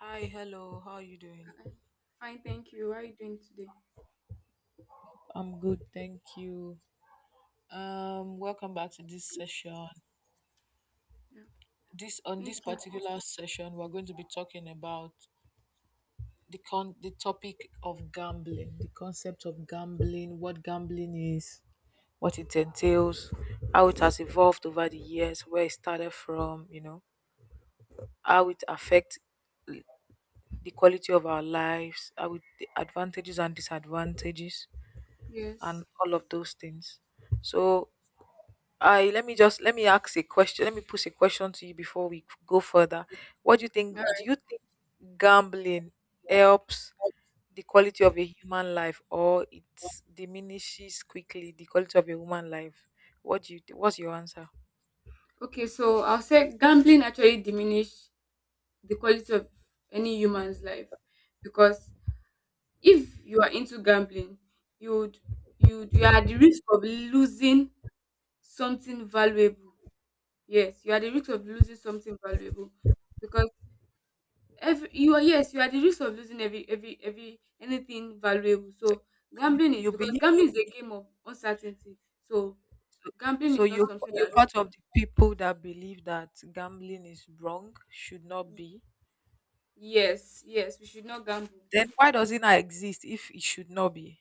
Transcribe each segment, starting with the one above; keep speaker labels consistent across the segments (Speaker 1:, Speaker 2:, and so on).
Speaker 1: Hi, hello. How are you doing?
Speaker 2: Hi. Fine, thank you. How are you doing today?
Speaker 1: I'm good, thank you. Welcome back to this session.
Speaker 2: Yeah,
Speaker 1: This on
Speaker 2: thank
Speaker 1: this
Speaker 2: you.
Speaker 1: particular session, we're going to be talking about the topic of gambling, the concept of gambling, what gambling is, what it entails, how it has evolved over the years, where it started from, you know, how it affects the quality of our lives, how it, the advantages and disadvantages, and
Speaker 2: Yes.
Speaker 1: all of those things. So I let me just let me ask a question. Let me pose a question to you before we go further. What do you think?
Speaker 2: All
Speaker 1: Do
Speaker 2: right.
Speaker 1: you think gambling helps the quality of a human life, or it diminishes quickly the quality of a human life? What do you? What's your answer?
Speaker 2: Okay, so I'll say gambling actually diminish the quality of any human's life because if you are into gambling, you'd you are at the risk of losing something valuable. Yes, you are at the risk of losing something valuable because every you are yes you are at the risk of losing every anything valuable. So
Speaker 1: You you believe
Speaker 2: gambling is a game of uncertainty. So gambling
Speaker 1: so?
Speaker 2: is not
Speaker 1: You
Speaker 2: something that.
Speaker 1: you're part of the people that believe that gambling is wrong, should not be.
Speaker 2: Yes, yes, we should not gamble.
Speaker 1: Then why does it not exist if it should not be?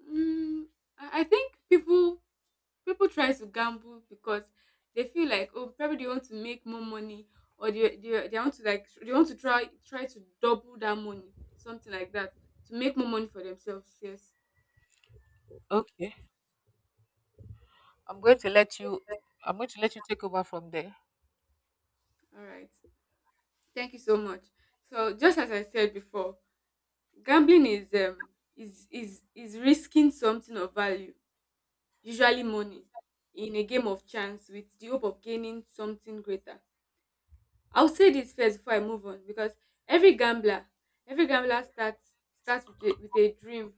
Speaker 2: Mm, I think people try to gamble because they feel like oh probably they want to make more money or they want to like they want to try to double that money something like that to make more money for themselves. Yes,
Speaker 1: Okay, I'm going to let you. I'm going to let you take over from there.
Speaker 2: all right. Thank you so much. So just as I said before, gambling is is risking something of value, usually money, in a game of chance with the hope of gaining something greater. I'll say this first before I move on because every gambler, every gambler starts with a dream.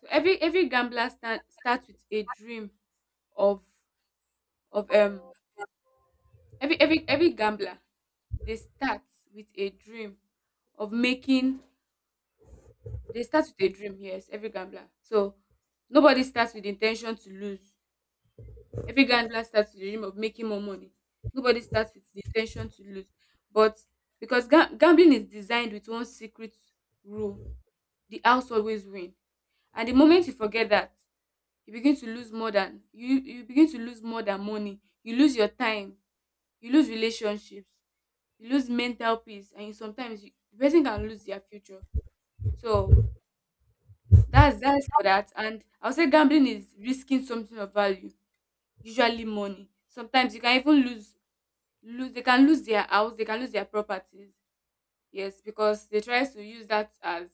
Speaker 2: So every gambler starts with a dream of of every gambler they start with a dream of making they start with a dream yes every gambler so nobody starts with the intention to lose. Every gambler starts with the dream of making more money. Nobody starts with the intention to lose. But because gambling is designed with one secret rule: the house always win. And the moment you forget that, you begin to lose more than money. You lose your time, you lose relationships, you lose mental peace, and the person can lose their future. So that's for that. And I'll say gambling is risking something of value, usually money. Sometimes you can even lose lose they can lose their house, they can lose their properties. Yes, because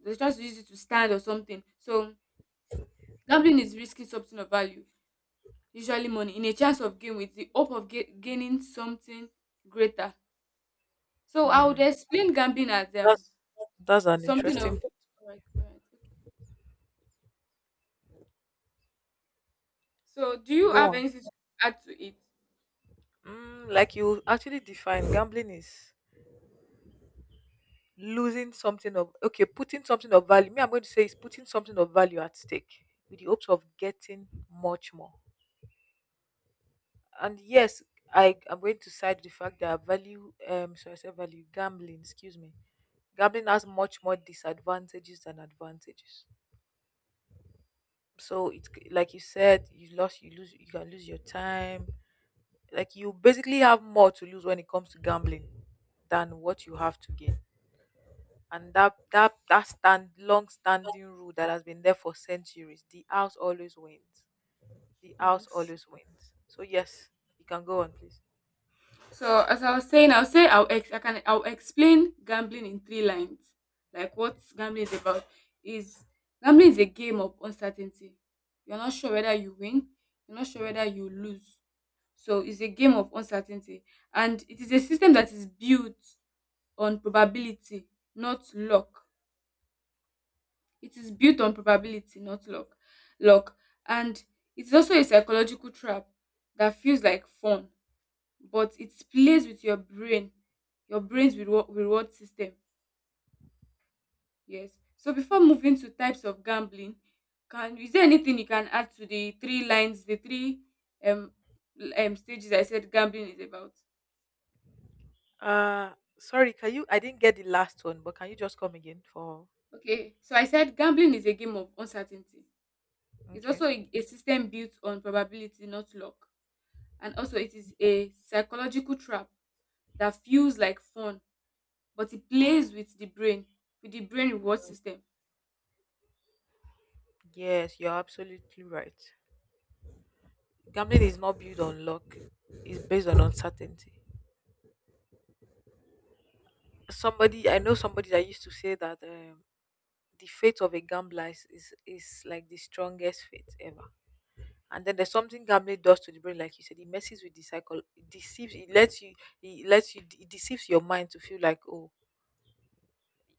Speaker 2: they try to use it to stand or something. So gambling is risking something of value, usually money, in a chance of gain with the hope of gaining something greater. So I would
Speaker 1: Hmm.
Speaker 2: explain gambling as
Speaker 1: That's that's an
Speaker 2: something of.
Speaker 1: interesting point.
Speaker 2: All right, all right. So do you
Speaker 1: Go
Speaker 2: have
Speaker 1: on.
Speaker 2: anything to add to it?
Speaker 1: Mm, like you actually define gambling is losing something of okay, putting something of value. Me, I'm going to say is putting something of value at stake with the hopes of getting much more. And yes, I am going to side the fact that value sorry, I said value gambling, excuse me. Gambling has much more disadvantages than advantages. So it's like you said, you lose you can lose your time, like you basically have more to lose when it comes to gambling than what you have to gain, and that stand long standing rule that has been there for centuries, the house always wins, the house
Speaker 2: Yes.
Speaker 1: always wins. So yes, you can go on please.
Speaker 2: So as I was saying, I'll say I'll ex- I can I'll explain gambling in three lines. Like what gambling is about is gambling is a game of uncertainty. You're not sure whether you win, you're not sure whether you lose. So it's a game of uncertainty. And it is a system that is built on probability, not luck. It is built on probability, not luck. Luck. And it's also a psychological trap that feels like fun but it plays with your brain, your brain's reward system. Yes, so before moving to types of gambling, can is there anything you can add to the three lines the three um, stages I said gambling is about?
Speaker 1: Uh sorry, can you, I didn't get the last one, but can you just come again for
Speaker 2: Okay, so I said gambling is a game of uncertainty. It's also
Speaker 1: okay.
Speaker 2: a system built on probability, not luck. And also it is a psychological trap that feels like fun but it plays with the brain, with the brain reward system.
Speaker 1: Yes, you're absolutely right. Gambling is not built on luck, it's based on uncertainty. Somebody I know, somebody that used to say that the faith of a gambler is, is like the strongest faith ever. And then there's something gambling does to the brain, like you said, it messes with the cycle, it deceives, it lets you, it deceives your mind to feel like, oh,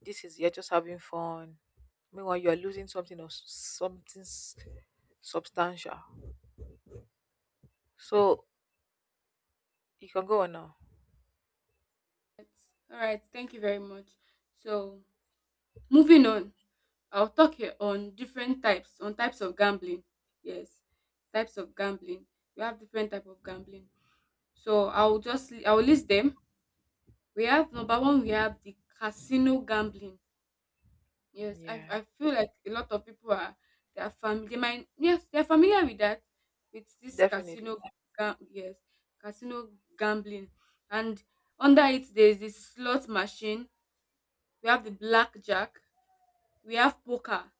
Speaker 1: this is you're just having fun. Meanwhile, you are losing something or something substantial. So you can go on now.
Speaker 2: All right, thank you very much. So, moving on, I'll talk here on different types, on types of gambling. Yes, types of gambling. We have different type of gambling. So I'll list them. We have number one. We have the casino gambling. Yes, I
Speaker 1: Yeah,
Speaker 2: I feel like a lot of people are they are familiar. They might, yes, they are familiar with that with this
Speaker 1: definitely.
Speaker 2: gam yes casino gambling. And under it there is the slot machine, we have the blackjack, we have poker.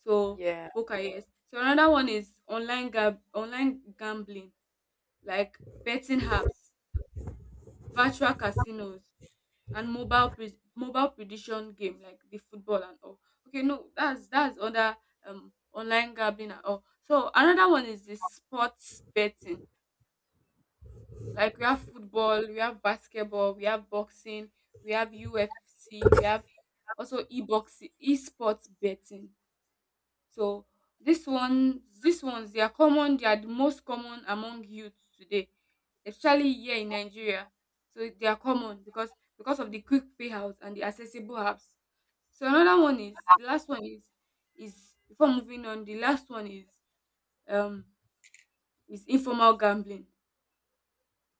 Speaker 2: So
Speaker 1: Yeah.
Speaker 2: poker, yes. So another one is online gambling, like betting apps, virtual casinos, and mobile prediction game like the football and all. Okay, no, that's other online gambling and all. So another one is the sports betting. Like we have football, we have basketball, we have boxing, we have UFC, we have also e-boxing, e-sports betting. So this one these ones they are common, they are the most common among youths today, especially here in Nigeria. So they are common because of the quick payouts and the accessible apps. So another one is the last one is um informal gambling.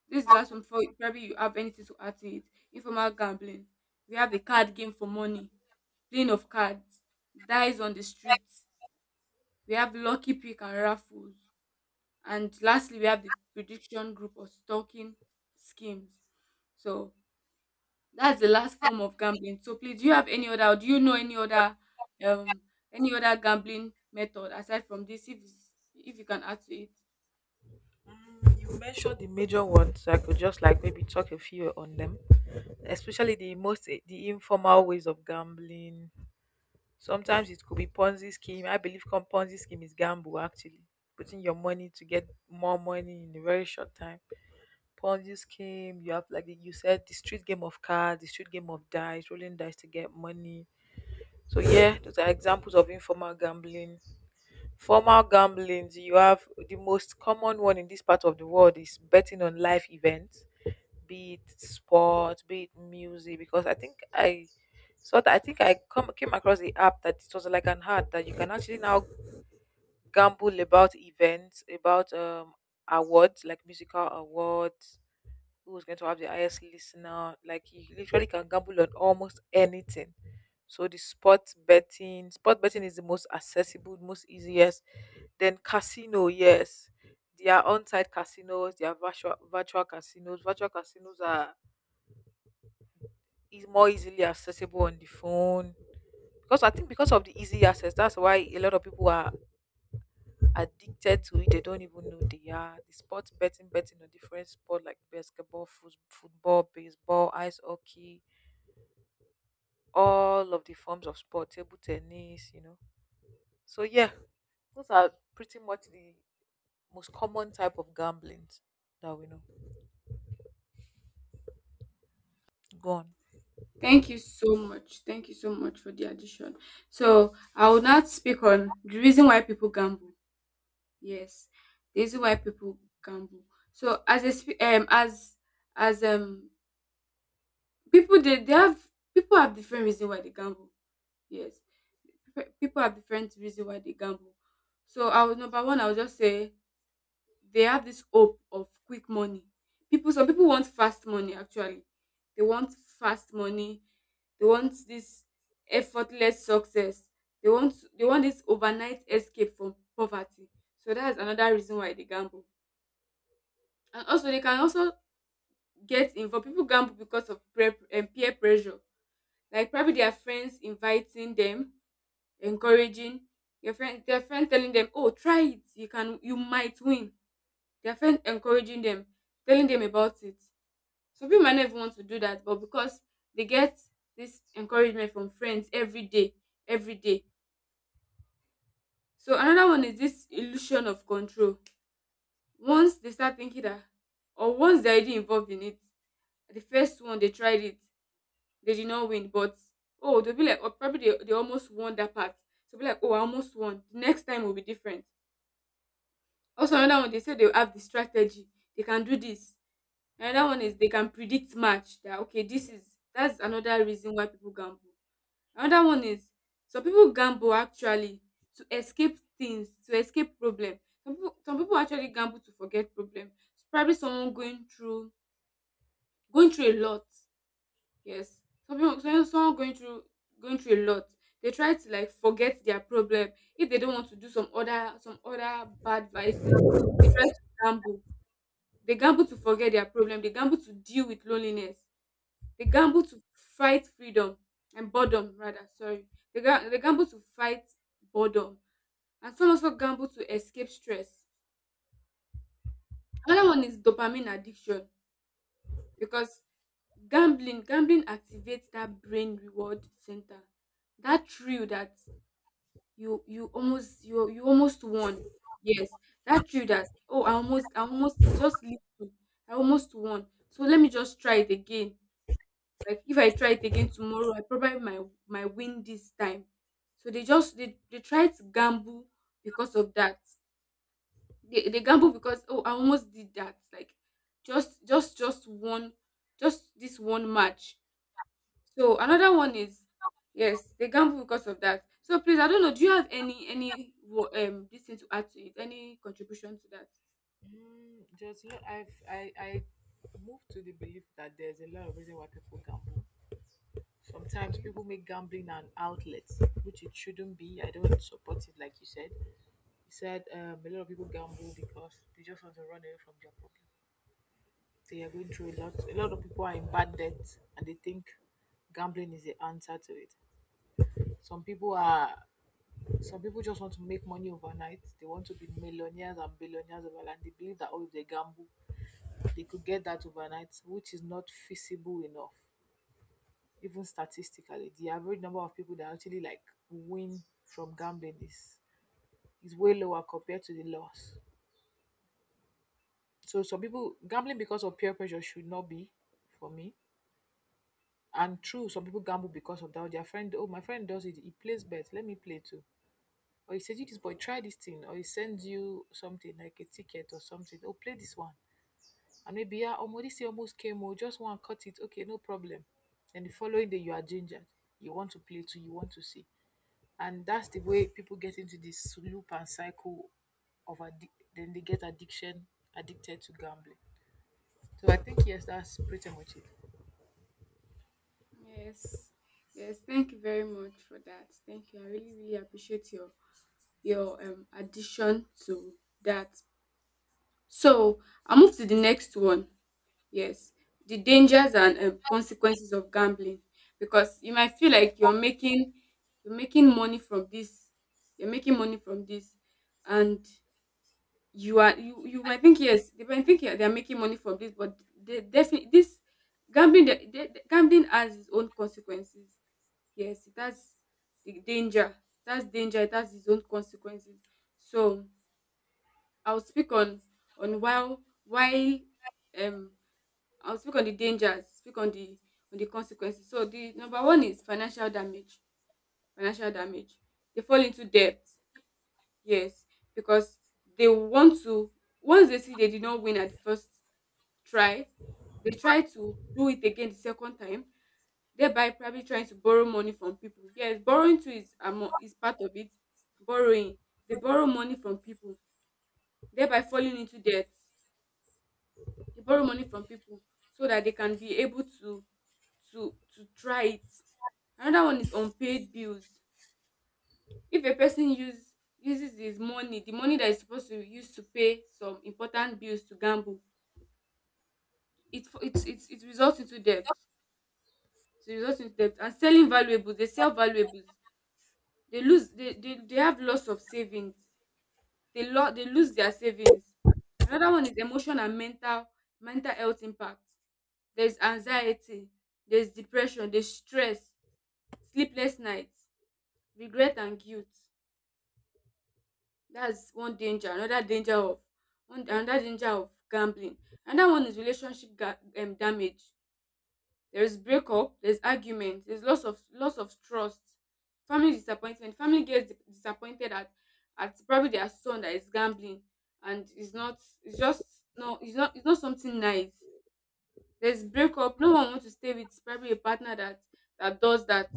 Speaker 2: This is the last one before probably you have anything to add to it. Informal gambling. We have the card game for money, playing of cards, dice on the streets. We have lucky pick and raffles. And lastly, we have the prediction group or stalking schemes. So that's the last form of gambling. So please, do you have any other, or do you know um, any other gambling method aside from this? If you can add to it.
Speaker 1: Mm, you mentioned the major ones, so I could just like maybe talk a few on them, especially the informal ways of gambling. Sometimes it could be Ponzi scheme. I believe Ponzi scheme is gamble actually, putting your money to get more money in a very short time. Ponzi scheme, you have, like you said, the street game of cards, the street game of dice, rolling dice to get money. So yeah, those are examples of informal gambling. Formal gambling, you have the most common one in this part of the world is betting on life events, be it sport, be it music, because I think I come came across the app that it was like an ad that you can actually now gamble about events, about awards like musical awards, who's going to have the highest listener. Like you literally can gamble on almost anything. So the sport betting is the most accessible, most easiest. Then casino, yes, there are on-site casinos, there are virtual casinos. Virtual casinos are is more easily accessible on the phone, because I think because of the easy access that's why a lot of people are addicted to it, they don't even know they are. The sports betting, betting on different sport like basketball, football, baseball, ice hockey, all of the forms of sport, table tennis, you know. So yeah, those are pretty much the most common type of gambling that we know. Gone.
Speaker 2: Thank you so much. Thank you so much for the addition. So I will not speak on the reason why people gamble. Yes, the reason why people gamble. So as a sp- as people they have people have different reason why they gamble. Yes, people have different reason why they gamble. So I would number one, I would just say they have this hope of quick money. People, some people want fast money. Actually, they want fast money. They want this effortless success. They want this overnight escape from poverty. So that's another reason why they gamble. And also, they can also get involved. People gamble because of peer pressure. Like probably their friends inviting them, encouraging, your friend their friend telling them, "Oh, try it. You can, you might win." Their friend encouraging them, telling them about it. Some people might not even want to do that, but because they get this encouragement from friends every day. So another one is this illusion of control. Once they start thinking that, or once they're already involved in it, the first one they tried it, they did not win, but oh, they'll be like, oh, probably they almost won that part. So be like, oh, I almost won. The next time will be different. Also another one, they say they have the strategy, they can do this. Another one is they can predict match that okay this is that's another reason why people gamble. Another one is some people gamble actually to escape things, to escape problem. Some people actually gamble to forget problem. Probably someone going through a lot. Yes. Some people some- someone going through a lot. They try to like forget their problem. If they don't want to do some other bad vices, they try to gamble. They gamble to forget their problem. They gamble to deal with loneliness. They gamble to fight freedom and boredom, rather. Sorry. They gamble to fight boredom. And some also gamble to escape stress. Another one is dopamine addiction because gambling activates that brain reward center, that thrill that you almost won. Yes, that thrill that oh I almost just little I almost won, so let me just try it again. Like if I try it again tomorrow, I probably might win this time. So they try to gamble because of that. They gamble because oh I almost did that. Like just one, just this one match. So another one is yes, they gamble because of that. So please I don't know, do you have any this thing to add to it? Any contribution to that?
Speaker 1: Just look, I move with that there's a lot of reason why people gamble. Sometimes people make gambling an outlet, which it shouldn't be. I don't support it, like you said. You said a lot of people gamble because they just want to run away from their problem. They are going through a lot. A lot of people are in bad debt, and they think gambling is the answer to it. Some people are. Some people just want to make money overnight. They want to be millionaires and billionaires overnight. And they believe that oh, if they gamble, they could get that overnight, which is not feasible enough. Even statistically, the average number of people that actually like win from gambling is way lower compared to the loss. So some people gambling because of peer pressure should not be, for me. And true, some people gamble because of that. Their friend, oh, my friend does it. He plays bet. Let me play too. Or he says, you this boy, try this thing. Or he sends you something like a ticket or something. Oh, play this one. And maybe, yeah, oh, this year almost came. Oh, just one, cut it. Okay, no problem. And the following day, you are gingered. You want to play too. You want to see. And that's the way people get into this loop and cycle of then they get addiction addicted to gambling. So I think yes, that's pretty much it.
Speaker 2: Yes. Yes, thank you very much for that. Thank you. I really, really appreciate your addition to that. So I move to the next one. Yes, the dangers and consequences of gambling, because you might feel like you're making money from this, you're making money from this, and you are you you might think yes, they might think yeah, they are making money from this, but they definitely this gambling the- gambling has its own consequences. Yes, it has the danger. That's danger. It has its own consequences. So I'll speak on why um I'll speak on the dangers. Speak on the consequences. So the number one is financial damage. Financial damage. They fall into debt. Yes, because they want to. Once they see they did not win at the first try, they try to do it again the second time, thereby probably trying to borrow money from people. Yes, borrowing too is is part of it. Borrowing. They borrow money from people, thereby falling into debt. They borrow money from people so that they can be able to to try it. Another one is unpaid bills. If a person use uses his money, the money that is supposed to use to pay some important bills to gamble, it results into debt. It results into debt and selling valuables. They sell valuables. They have loss of savings. They lose their savings. Another one is emotion and mental health impact. There's anxiety, there's depression, there's stress, sleepless nights, regret and guilt. That's one danger. Another danger of gambling. Another one is relationship damage. There's breakup, there's argument, there's loss of trust, family disappointment. Family gets disappointed at probably their son that is gambling and is not it's just no it's not it's not something nice. There's breakup. No one wants to stay with probably a partner that does that.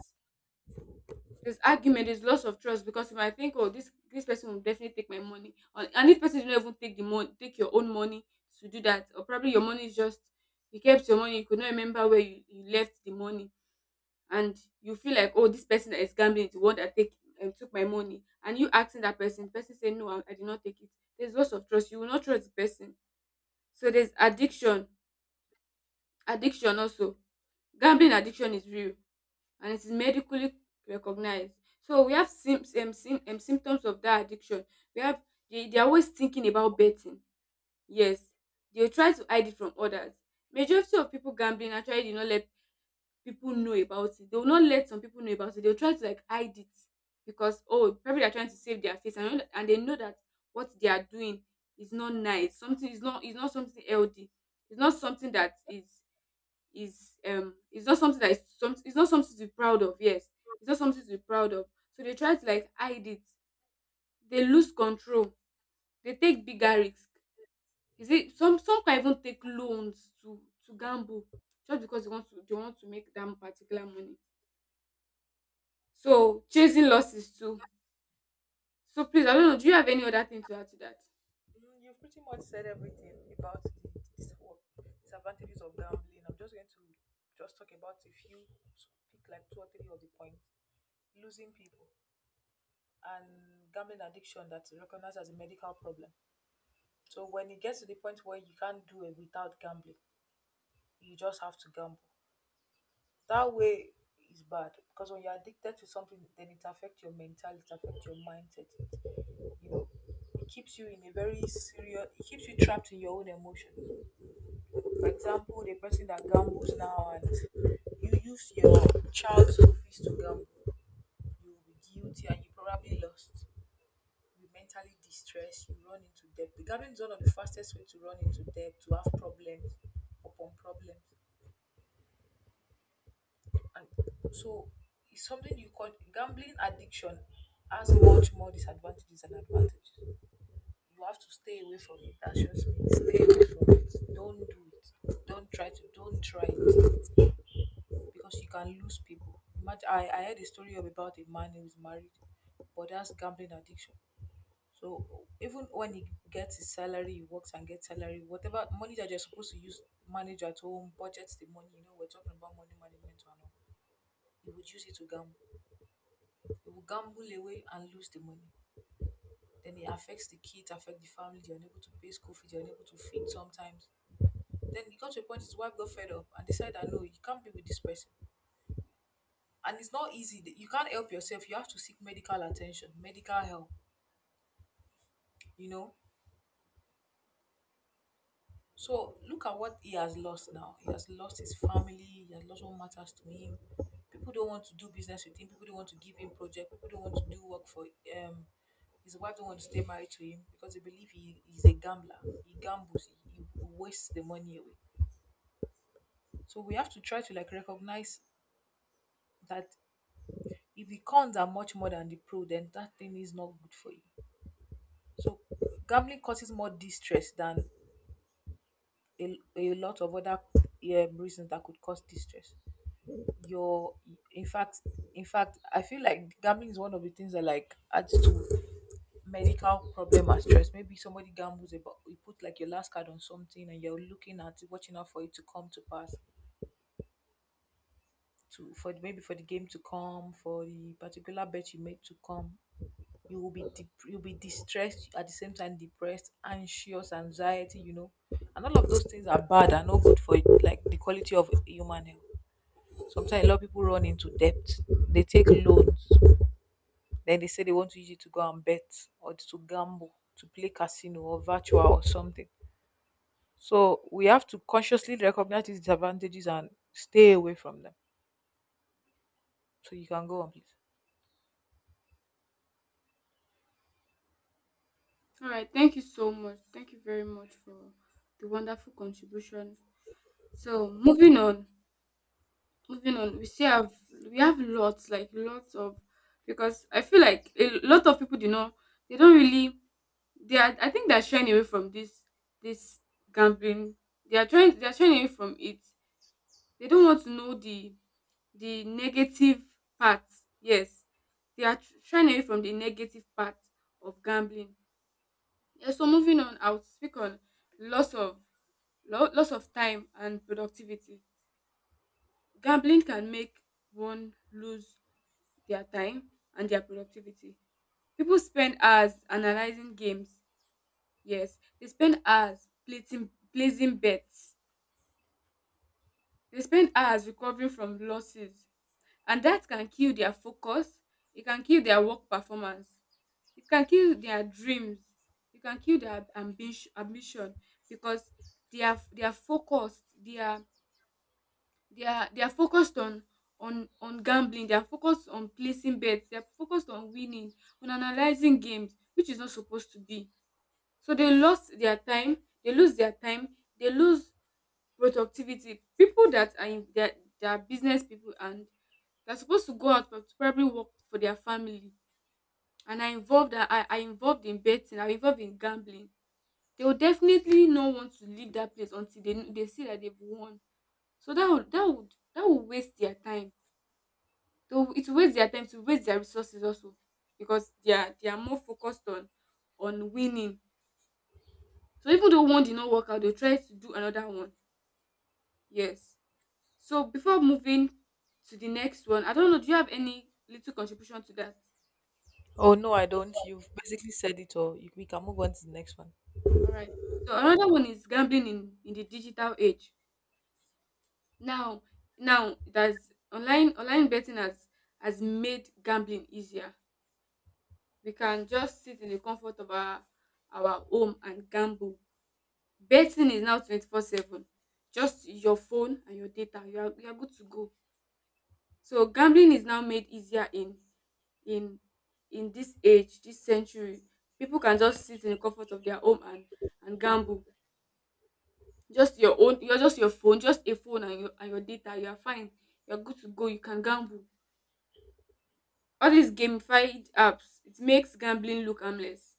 Speaker 2: There's argument, there's loss of trust because you might think, oh, this person will definitely take my money, and this person didn't even take the money, take your own money to do that, or probably your money is just you kept your money, you could not remember you left the money. And you feel like, oh, this person that is gambling is the one that take took my money. And you asking that person, person say, no, I did not take it. There's loss of trust, you will not trust the person. So there's addiction, addiction also. Gambling addiction is real and it is medically recognized. So we have symptoms of that addiction. We have they are always thinking about betting. Yes, they will try to hide it from others. Majority of people gambling actually do not let people know about it. They will not let some people know about it. They'll try to like hide it because, oh, probably they're trying to save their face, and they know that what they are doing is not nice. Something is not something healthy. It's not something that is it's not something that is some it's not something to be proud of, yes. It's not something to be proud of. So they try to like hide it. They lose control. They take bigger risks. You see, some can even take loans to gamble just because they want to make that particular money. So chasing losses too. So please, I don't know, do you have any other thing to add to that?
Speaker 1: Mm, you've pretty much said everything about the dis- or disadvantages of gambling. I'm just going to just talk about a few, so pick like two or three of the points. Losing people and gambling addiction, that's recognized as a medical problem. So when it gets to the point where you can't do it without gambling, you just have to gamble. That way is bad, because when you're addicted to something, then it affects your mentality, it affects your mindset, you know, it keeps you in a very serious, it keeps you trapped in your own emotions. For example, the person that gambles now and you use your child's school fees to gamble, you will be guilty and you probably lost, you be mentally distressed, you run into debt. The gambling is one of the fastest way to run into debt, to have problems upon problems. And so it's something you call gambling addiction has much more disadvantages than advantages. You have to stay away from it. That's just me. Stay away from it. Don't do it. Don't try to. Don't try it, because you can lose people. Imagine, I heard a story of about a man who is married, but that's gambling addiction. So even when he gets his salary, he works and gets salary, whatever money that you're supposed to use, manage at home, budget the money. You know, we're talking about money management and all. He would use it to gamble. He would gamble away and lose the money. Then it affects the kids, affect the family. They're unable to pay school fees. They're unable to feed sometimes. Then it got to a point his wife got fed up and decided that no, you can't be with this person. And it's not easy. You can't help yourself. You have to seek medical attention, medical help, you know. So look at what he has lost now. He has lost his family, he has lost what matters to him. People don't want to do business with him, people don't want to give him project, people don't want to do work for um his wife don't want to stay married to him, because they believe he is a gambler. He gambles, he wastes the money away. So we have to try to like recognize that if the cons are much more than the pro, then that thing is not good for you. So gambling causes more distress than a lot of other reasons that could cause distress. Your in fact in fact I feel like gambling is one of the things that like adds to medical problem and stress. Maybe somebody gambles about you put like your last card on something and you're looking at it, watching out for it to come to pass. To, for maybe for the game to come, for the particular bet you made to come, you'll be distressed, at the same time depressed, anxious, anxiety, you know, and all of those things are bad and not good for like the quality of human health. Sometimes a lot of people run into debt, they take loans, then they say they want to use it to go and bet or to gamble, to play casino or virtual or something. So we have to consciously recognize these disadvantages and stay away from them. So you can go on, please.
Speaker 2: All right, thank you so much. Thank you very much for the wonderful contribution. So moving on, we still have, we have lots, like lots of, because I feel like a lot of people do not, they don't really, they are, I think they're shying away from this this gambling. They are trying, they are shying away from it. They don't want to know the negative part. Yes, shying away from the negative part of gambling. Yes, so moving on, I would speak on loss of loss of time and productivity. Gambling can make one lose their time and their productivity. People spend hours analyzing games. Yes, they spend hours placing bets. They spend hours recovering from losses. And that can kill their focus. E can kill their work performance. It can kill their dreams. It can kill their ambition because they are focused. They are they are focused on gambling. They are focused on placing bets. They are focused on winning, on analyzing games, which is not supposed to be. So they lost their time. They lose their time. They lose productivity. People that are in that are business people and they're supposed to go out to probably work for their family and are involved in betting, are involved in gambling. They will definitely not want to leave that place until they see that they've won. So that would waste their time. It will waste their time to waste their resources also because they are more focused on winning. So even though one did not work out, they'll try to do another one. Yes. So before moving to the next one, I don't know, do you have any little contribution to that?
Speaker 1: Oh no, I don't. You've basically said it all. You, we can move on to the next one.
Speaker 2: All right. So another one is gambling in the digital age. Now that's online betting has made gambling easier. We can just sit in the comfort of our home and gamble. Betting is now 24/7. Just your phone and your data, you are, you are good to go. So gambling is now made easier in in this age, this century. People can just sit in the comfort of their home and gamble. Just your own, you're just your phone, just a phone and your data. You are fine. You're good to go. You can gamble. All these gamified apps, it makes gambling look harmless.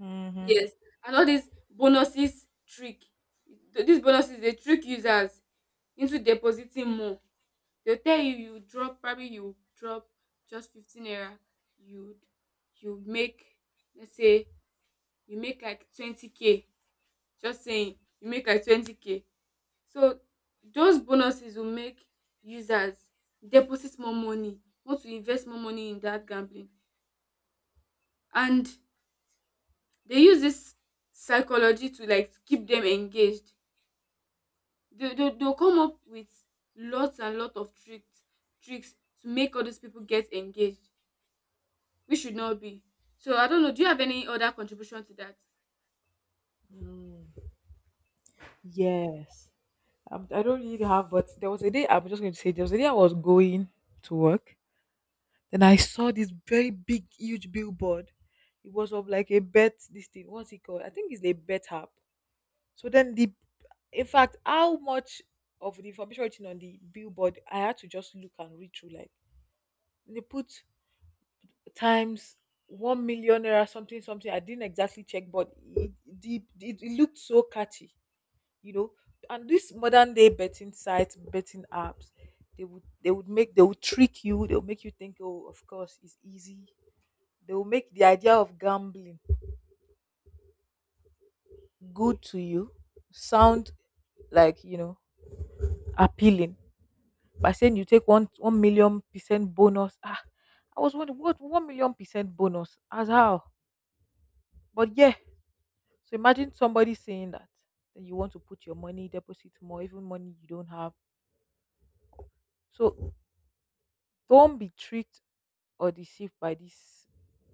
Speaker 1: Mm-hmm.
Speaker 2: Yes, and all these bonuses trick, these bonuses they trick users into depositing more. They'll tell you, you drop, probably you drop just 15 naira, you'd, you make, let's say you make like 20k, just saying you make like 20k. So those bonuses will make users deposit more money, want to invest more money in that gambling. And they use this psychology to like keep them engaged. They'll come up with lots and lots of tricks, tricks to make all these people get engaged, which should not be. So I don't know, do you have any other contribution to that?
Speaker 1: Yes. I do not really have, but there was a day, I'm just going to say, there was a day I was going to work. Then I saw this very big, huge billboard. It was of like a bet. This thing, what's it called? I think it's a bet app. So then in fact, how much of the information written on the billboard I had to just look and read through. Like they put times 1,000,000 or something, something. I didn't exactly check, but it looked so catchy, you know. And these modern day betting sites, betting apps, they would make, they would trick you, they'll make you think, oh, of course it's easy. They will make the idea of gambling good to you, sound like, you know, appealing, by saying you take one million percent bonus. Ah, I was wondering what 1,000,000% bonus as how. But yeah, so imagine somebody saying that, then you want to put your money, deposit more, even money you don't have. So don't be tricked or deceived by this,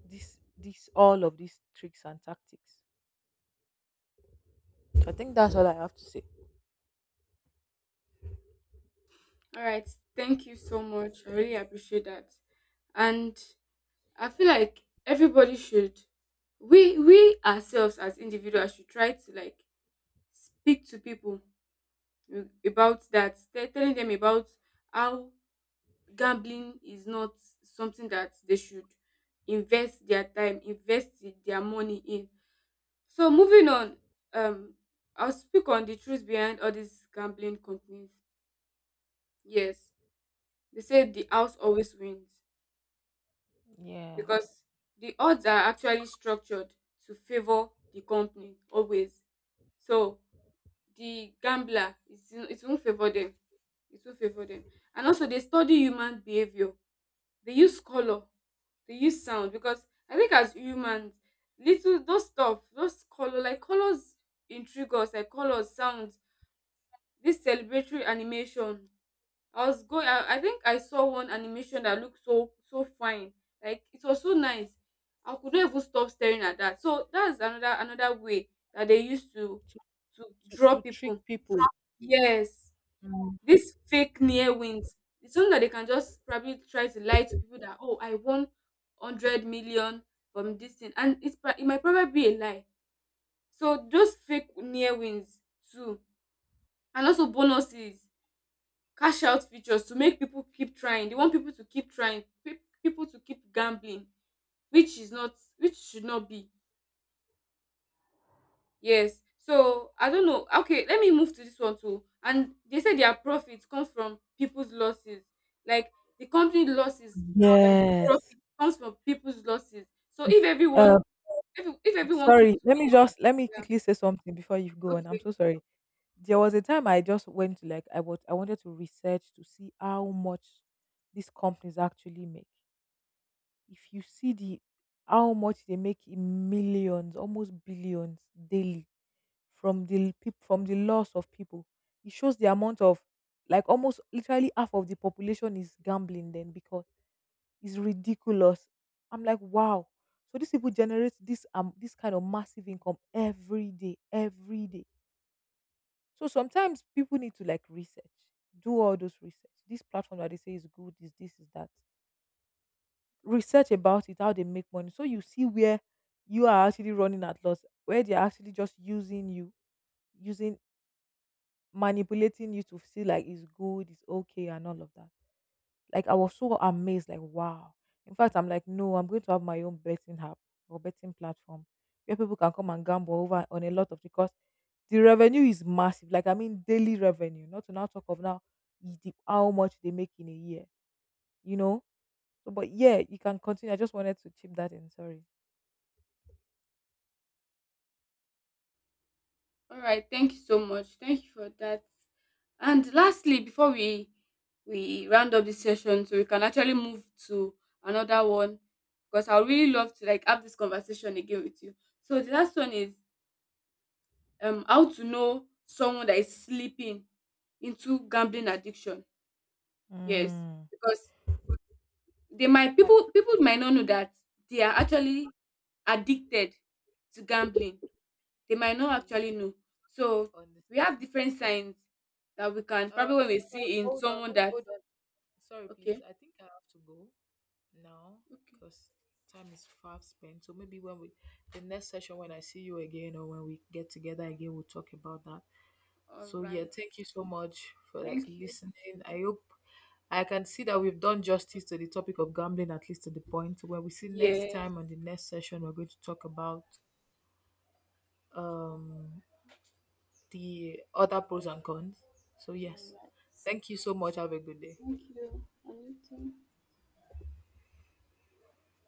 Speaker 1: this, all of these tricks and tactics. I think that's all I have to say.
Speaker 2: All right, thank you so much, I really appreciate that. And I feel like everybody should, we ourselves as individuals should try to like speak to people about that. Telling them about how gambling is not something that they should invest their time, their money in. So moving on, um, I'll speak on the truth behind all these gambling companies. Yes, they say the house always wins
Speaker 1: Yeah.
Speaker 2: because the odds are actually structured to favor the company always. So the it won't favor them. It won't favor them. And also they study human behavior. They use color, they use sound because I think as humans, little those stuff, those color, like colors intrigue us, like colors, sounds, this celebratory animation. I think I saw one animation that looked so fine. Like it was so nice. I could not even stop staring at that. So that's another way that they used to draw
Speaker 1: To trick
Speaker 2: people.
Speaker 1: people.
Speaker 2: Yes. This fake near wins, it's something that they can just probably try to lie to people that, oh, I won 100 million from this thing. And it's, it might probably be a lie. So those fake near wins too. And also bonuses, cash out features to make people keep trying. They want people to keep trying, people to keep gambling, which is not, which should not be. Yes. So I don't know. Okay, let me move to this one too. And they say their profits come from people's losses. Like the company losses, um,
Speaker 1: Yes.
Speaker 2: profit comes from people's losses. So if
Speaker 1: if uh
Speaker 2: everyone, if everyone keeps
Speaker 1: Sorry, let me
Speaker 2: winning,
Speaker 1: just, let me
Speaker 2: yeah.
Speaker 1: quickly say something before you go on, I'm
Speaker 2: Okay.
Speaker 1: so sorry. There was a time I just went to like, I was, I wanted to research to see how much these companies actually make. If you see the, how much they make in millions, almost billions, daily, from the peop from the loss of people. It shows the amount of like almost literally half of the population is gambling then, because it's ridiculous. I'm like, wow. So these people generate this this kind of massive income every day, every day. So sometimes people need to like research, do all those research. This platform that they say is good, is this, is that. Research about it, how they make money. So you see where you are actually running at loss, where they're actually just using you, using, manipulating you to feel like it's good, it's okay, and all of that. Like I was so amazed, like wow. In fact, I'm like, no, I'm going to have my own betting app or betting platform where people can come and gamble over on a lot of, because the revenue is massive. Like I mean, daily revenue. Not to now talk of now the, how much they make in a year. You know. So, but yeah, you can continue. I just wanted to chip that in. Sorry.
Speaker 2: All right. Thank you so much. Thank you for that. And lastly, before we round up this session, so we can actually move to another one, because I would really love to like have this conversation again with you. So the last one is, um, how to know someone that is slipping into gambling addiction. Yes,
Speaker 1: Mm.
Speaker 2: because they might,
Speaker 1: I
Speaker 2: people might not know that they are actually addicted to gambling. They might not
Speaker 1: I
Speaker 2: actually know.
Speaker 1: fully
Speaker 2: So
Speaker 1: understand.
Speaker 2: we have different signs that we can
Speaker 1: Um,
Speaker 2: probably when we
Speaker 1: Sorry,
Speaker 2: see in
Speaker 1: hold on,
Speaker 2: someone that,
Speaker 1: hold on. Sorry, please.
Speaker 2: okay.
Speaker 1: I think I have to go now
Speaker 2: Okay,
Speaker 1: because time is far spent. So maybe when we, the next session, when I see you again or when we get together again, we'll talk about that.
Speaker 2: all
Speaker 1: So yeah,
Speaker 2: right,
Speaker 1: thank you so much for like
Speaker 2: thank you,
Speaker 1: listening. I hope I can see that we've done justice to the topic of gambling, at least to the point. When we see next
Speaker 2: yes.
Speaker 1: time on the next session, we're going to talk about um the other pros and cons. So
Speaker 2: All
Speaker 1: yes,
Speaker 2: right,
Speaker 1: thank you so much. Have a good day.
Speaker 2: thank you, Anita.